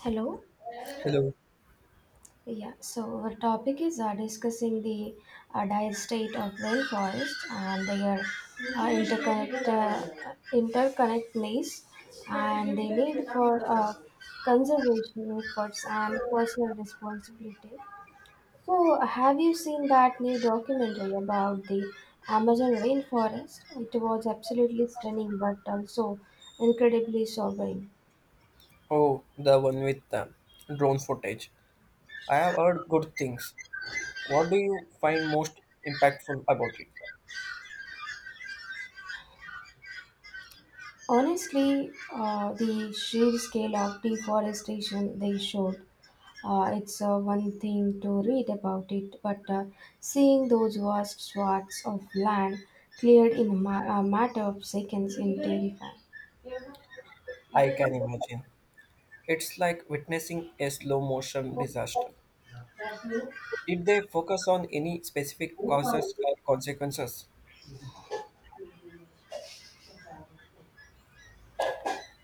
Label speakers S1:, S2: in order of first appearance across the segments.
S1: Hello.
S2: Hello.
S1: Yeah, so our topic is discussing the dire state of rainforest and their interconnectedness and the need for conservation efforts and personal responsibility. So, have you seen that new documentary about the Amazon rainforest? It was absolutely stunning but also incredibly sobering.
S2: Oh, the one with the drone footage. I have heard good things. What do you find most impactful about it?
S1: Honestly, the sheer scale of deforestation they showed, it's one thing to read about it, but seeing those vast swaths of land cleared in a matter of seconds is terrifying.
S2: I can imagine. It's like witnessing a slow motion disaster. Did they focus on any specific causes or consequences?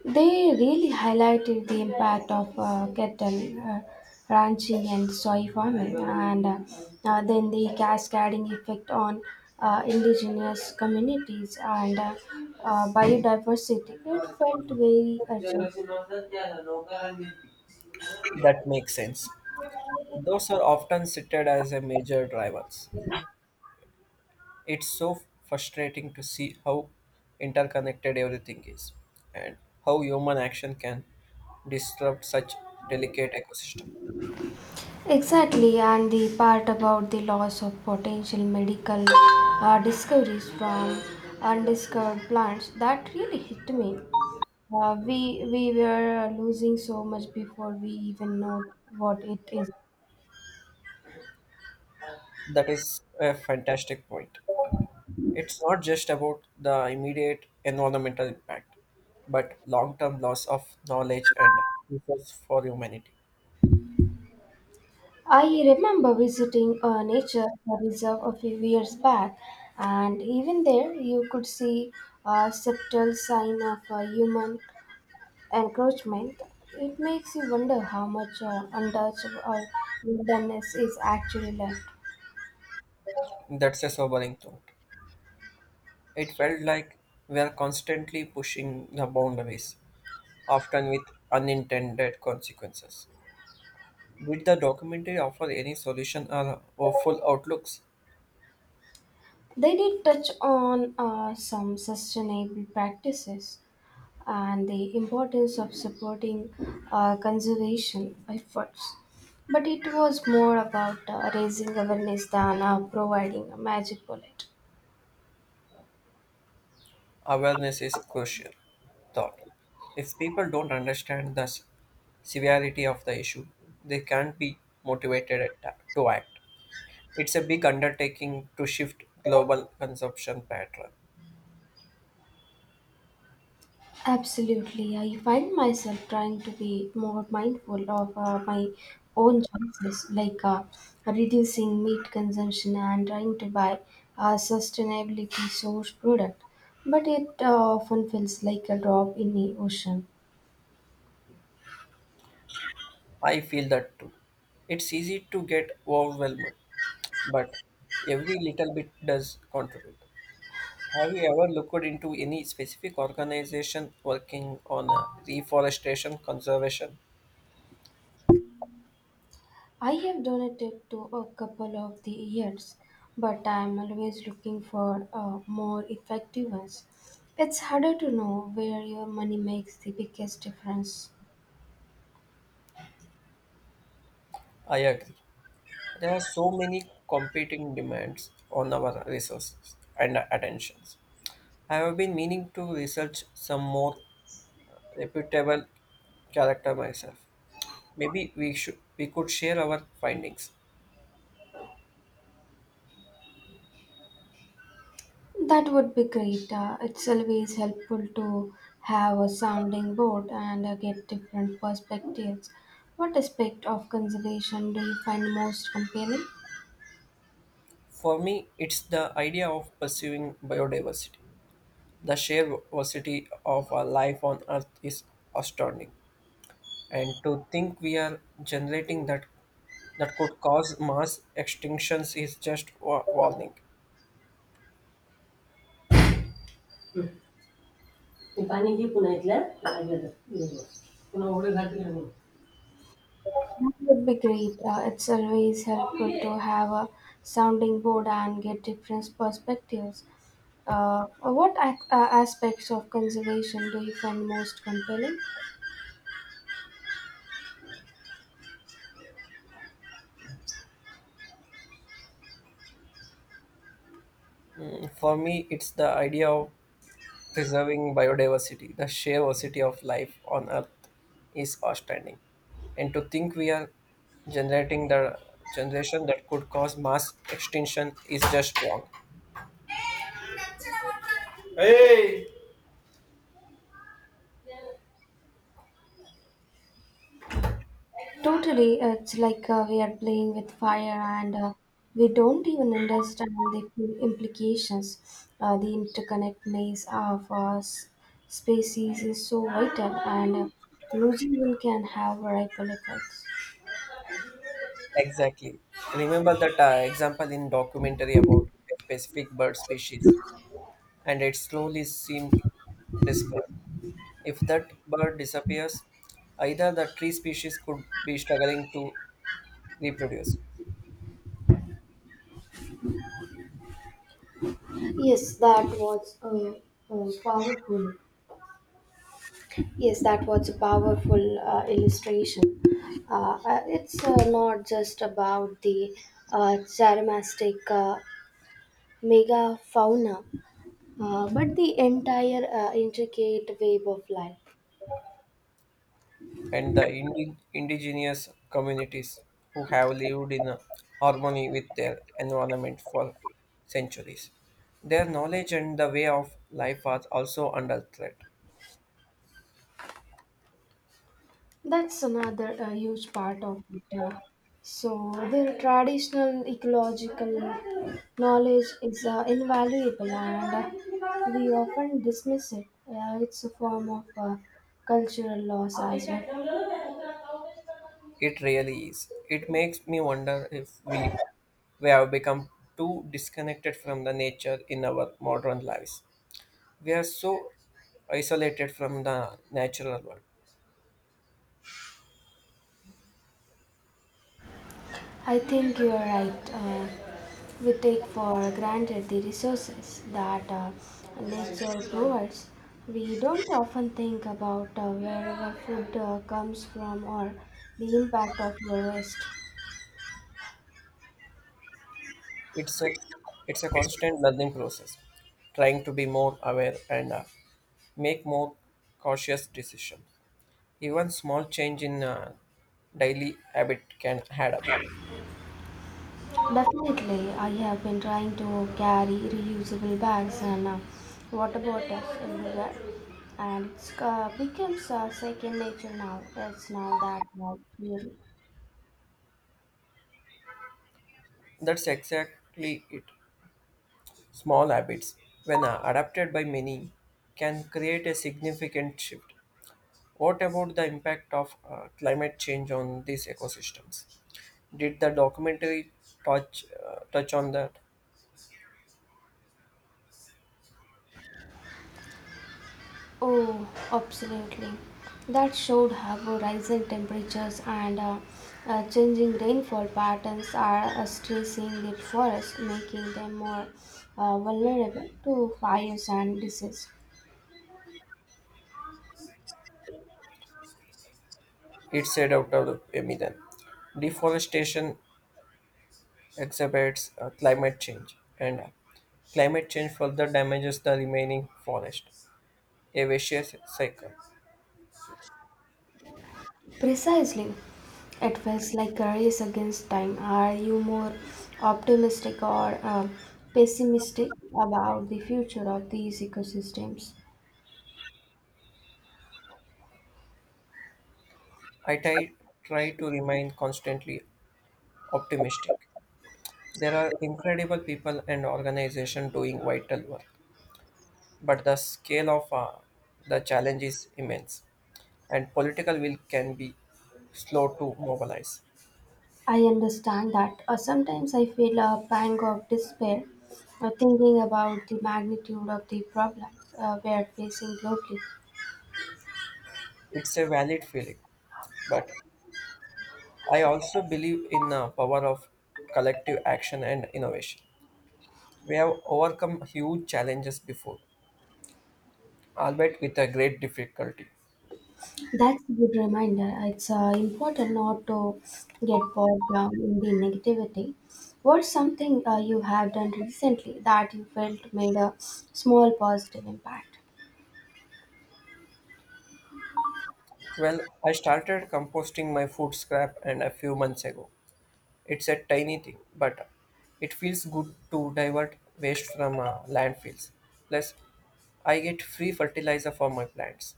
S1: They really highlighted the impact of cattle ranching and soy farming, and then the cascading effect on indigenous communities and biodiversity. It felt very urgent.
S2: That makes sense. Those are often cited as a major drivers. It's so frustrating to see how interconnected everything is and how human action can disrupt such delicate ecosystem.
S1: Exactly, and the part about the loss of potential medical discoveries from undiscovered plants that really hit me. We were losing so much before we even know what it is.
S2: That is a fantastic point. It's not just about the immediate environmental impact, but long-term loss of knowledge and resource for humanity.
S1: I remember visiting a nature reserve a few years back, and even there you could see a subtle sign of a human encroachment. It makes you wonder how much untouched or wilderness is actually left.
S2: That's a sobering thought. It felt like we are constantly pushing the boundaries, often with unintended consequences. Did the documentary offer any solution or hopeful outlooks?
S1: They did touch on some sustainable practices and the importance of supporting conservation efforts. But it was more about raising awareness than providing a magic bullet.
S2: Awareness is crucial. Thought. If people don't understand the severity of the issue, they can't be motivated to act. It's a big undertaking to shift global consumption pattern.
S1: Absolutely. I find myself trying to be more mindful of my own choices, like reducing meat consumption and trying to buy a sustainability source product. But it often feels like a drop in the ocean.
S2: I feel that too. It's easy to get overwhelmed, but every little bit does contribute. Have you ever looked into any specific organization working on reforestation conservation?
S1: I have donated to a couple of the years, but I am always looking for more effective ones. It's harder to know where your money makes the biggest difference.
S2: I agree. There are so many competing demands on our resources and attentions. I have been meaning to research some more reputable character myself. Maybe we could share our findings.
S1: That would be great. It's always helpful to have a sounding board and get different perspectives. What aspect of conservation do you find most compelling?
S2: For me, it's the idea of pursuing biodiversity. The sheer diversity of our life on Earth is astounding. And to think we are generating that could cause mass extinctions is just warning.
S1: मी पाणी घे पुन्हा इथल्या लागलं पुन्हा उघडे घातले म्हणून. That would be great. It's always helpful to have a sounding board and get different perspectives. Uh, what aspects of conservation do you find most compelling?
S2: For me, it's the idea of preserving biodiversity. The sheer diversity of life on Earth is outstanding. And to think we are generating the generation that could cause mass extinction is just wrong.
S1: Totally, it's like we are playing with fire and we don't even understand the full implications. The interconnect maze of species is so vital, and losing one can have ripple effects.
S2: Exactly. Remember that example in documentary about a specific bird species, and it slowly seemed despair. If that bird disappears, either the tree species could be struggling to reproduce,
S1: Yes, that was a powerful. Yes, that was a powerful illustration. It's not just about the charismatic megafauna. But the entire intricate web of life.
S2: and the indigenous communities who have lived in harmony with their environment for centuries. Their knowledge and the way of life are also under threat.
S1: That's another huge part of it, yeah. So, their traditional ecological knowledge is invaluable, and we often dismiss it. It's a form of cultural loss as well.
S2: It really is. It makes me wonder if we, we have become too disconnected from the nature in our modern lives. We are so isolated from the natural world.
S1: I think you are right. We take for granted the resources that nature provides. We don't often think about where our food comes from or the impact of our waste.
S2: It's a constant learning process trying to be more aware and make more cautious decisions even small change in daily habit can add up.
S1: Definitely, I have been trying to carry reusable bags and water bottles everywhere, and it's becomes second nature now. It's now that we
S2: That's exactly it, small habits when adapted by many can create a significant shift. What about the impact of climate change on these ecosystems? Did the documentary touch on that?
S1: Oh, absolutely. That showed how rising temperatures and changing rainfall patterns are stressing the forest, making them more vulnerable to fires and disease.
S2: It said I mean, then deforestation exacerbates climate change, and climate change further damages the remaining forest, a vicious cycle.
S1: Precisely. It feels like a race against time. Are you more optimistic or pessimistic about the future of these ecosystems?
S2: I try, try to remain constantly optimistic. There are incredible people and organizations doing vital work, but the scale of the challenge is immense, and political will can be slow to mobilize.
S1: I understand that. Sometimes I feel a pang of despair thinking about the magnitude of the problems we are facing globally.
S2: It's a valid feeling, but I also believe in the power of collective action and innovation. We have overcome huge challenges before, albeit with a great difficulty.
S1: That's a good reminder. It's important not to get bogged down in the negativity. What's something you have done recently that you felt made a small positive impact?
S2: Well, I started composting my food scrap and a few months ago. It's a tiny thing, but it feels good to divert waste from landfills. Plus, I get free fertilizer for my plants.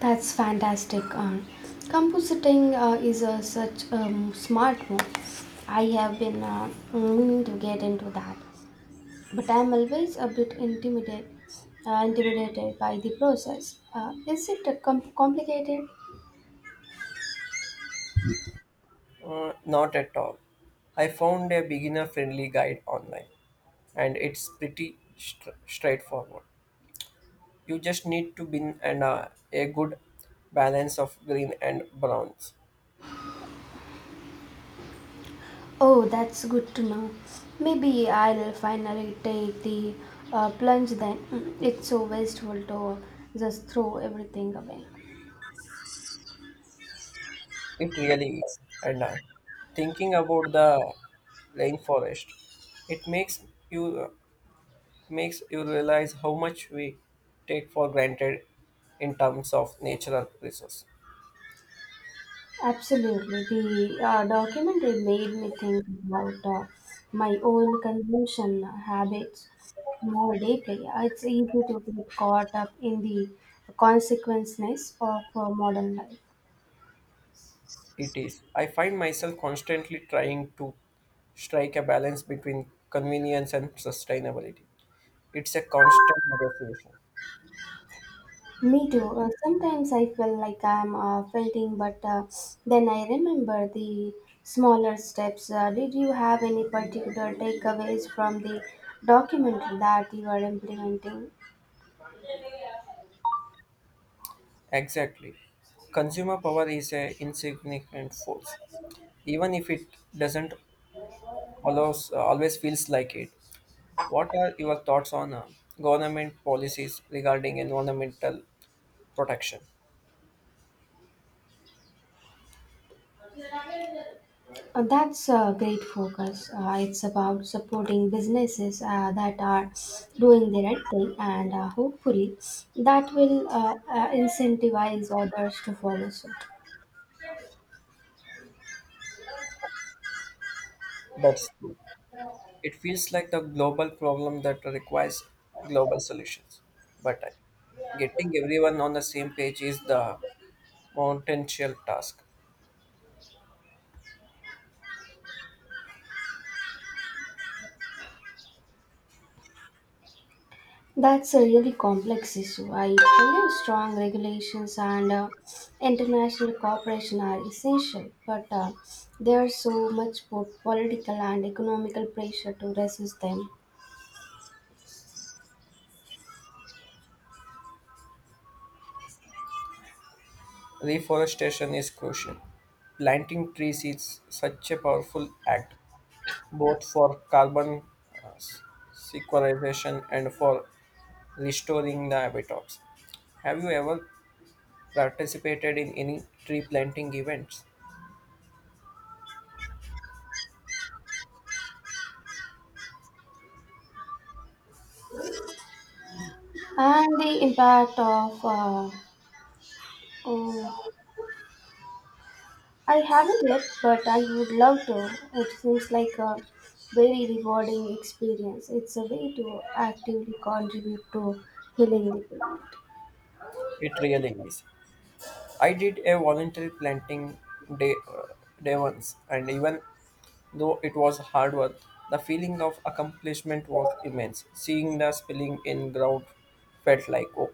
S1: That's fantastic. Compositing such a smart move. I have been meaning to get into that. But I'm always a bit intimidated, intimidated by the process. Is it complicated?
S2: Not at all. I found a beginner friendly guide online and it's pretty straightforward. You just need to bin and a good balance of green and browns.
S1: Oh, that's good to know. Maybe I'll finally take the plunge then. Mm, it's so wasteful to just throw everything away.
S2: It really is. And thinking about the rainforest, it you uh, makes you realize how much we take for granted in terms of natural resource.
S1: Absolutely. The documentary made me think about my own consumption habits more deeply. It's easy to get caught up in the consequences of modern life.
S2: It is. I find myself constantly trying to strike a balance between convenience and sustainability. It's a constant negotiation.
S1: Me too. Sometimes I feel like I'm fainting, but then I remember the smaller steps. Did you have any particular takeaways from the documentary that you are implementing?
S2: Exactly. Consumer power is a insignificant force, even if it doesn't allows, always feels like it. What are your thoughts on government policies regarding environmental protection?
S1: That's a great focus. It's about supporting businesses that are doing the right thing, and hopefully, that will incentivize others to follow suit.
S2: That's true. It feels like the global problem that requires global solutions. But getting everyone on the same page is the mountainous task.
S1: That's a really complex issue. I believe strong regulations and international cooperation are essential, but there's so much political and economical pressure to resist them.
S2: Reforestation is crucial. Planting trees is such a powerful act, both for carbon uh, s- sequestration and for restoring the habitats. Have you ever participated in any tree planting events?
S1: And the impact of oh, I haven't yet, but I would love to. It seems like a very rewarding experience. It's a way to actively contribute to healing the planet.
S2: It really is. I did a voluntary day, uh, day once, and even though it was hard work, the feeling of accomplishment was immense. Seeing the spilling in ground felt like, oh,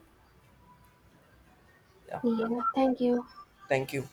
S2: yeah,
S1: Yeah, thank you.
S2: thank you.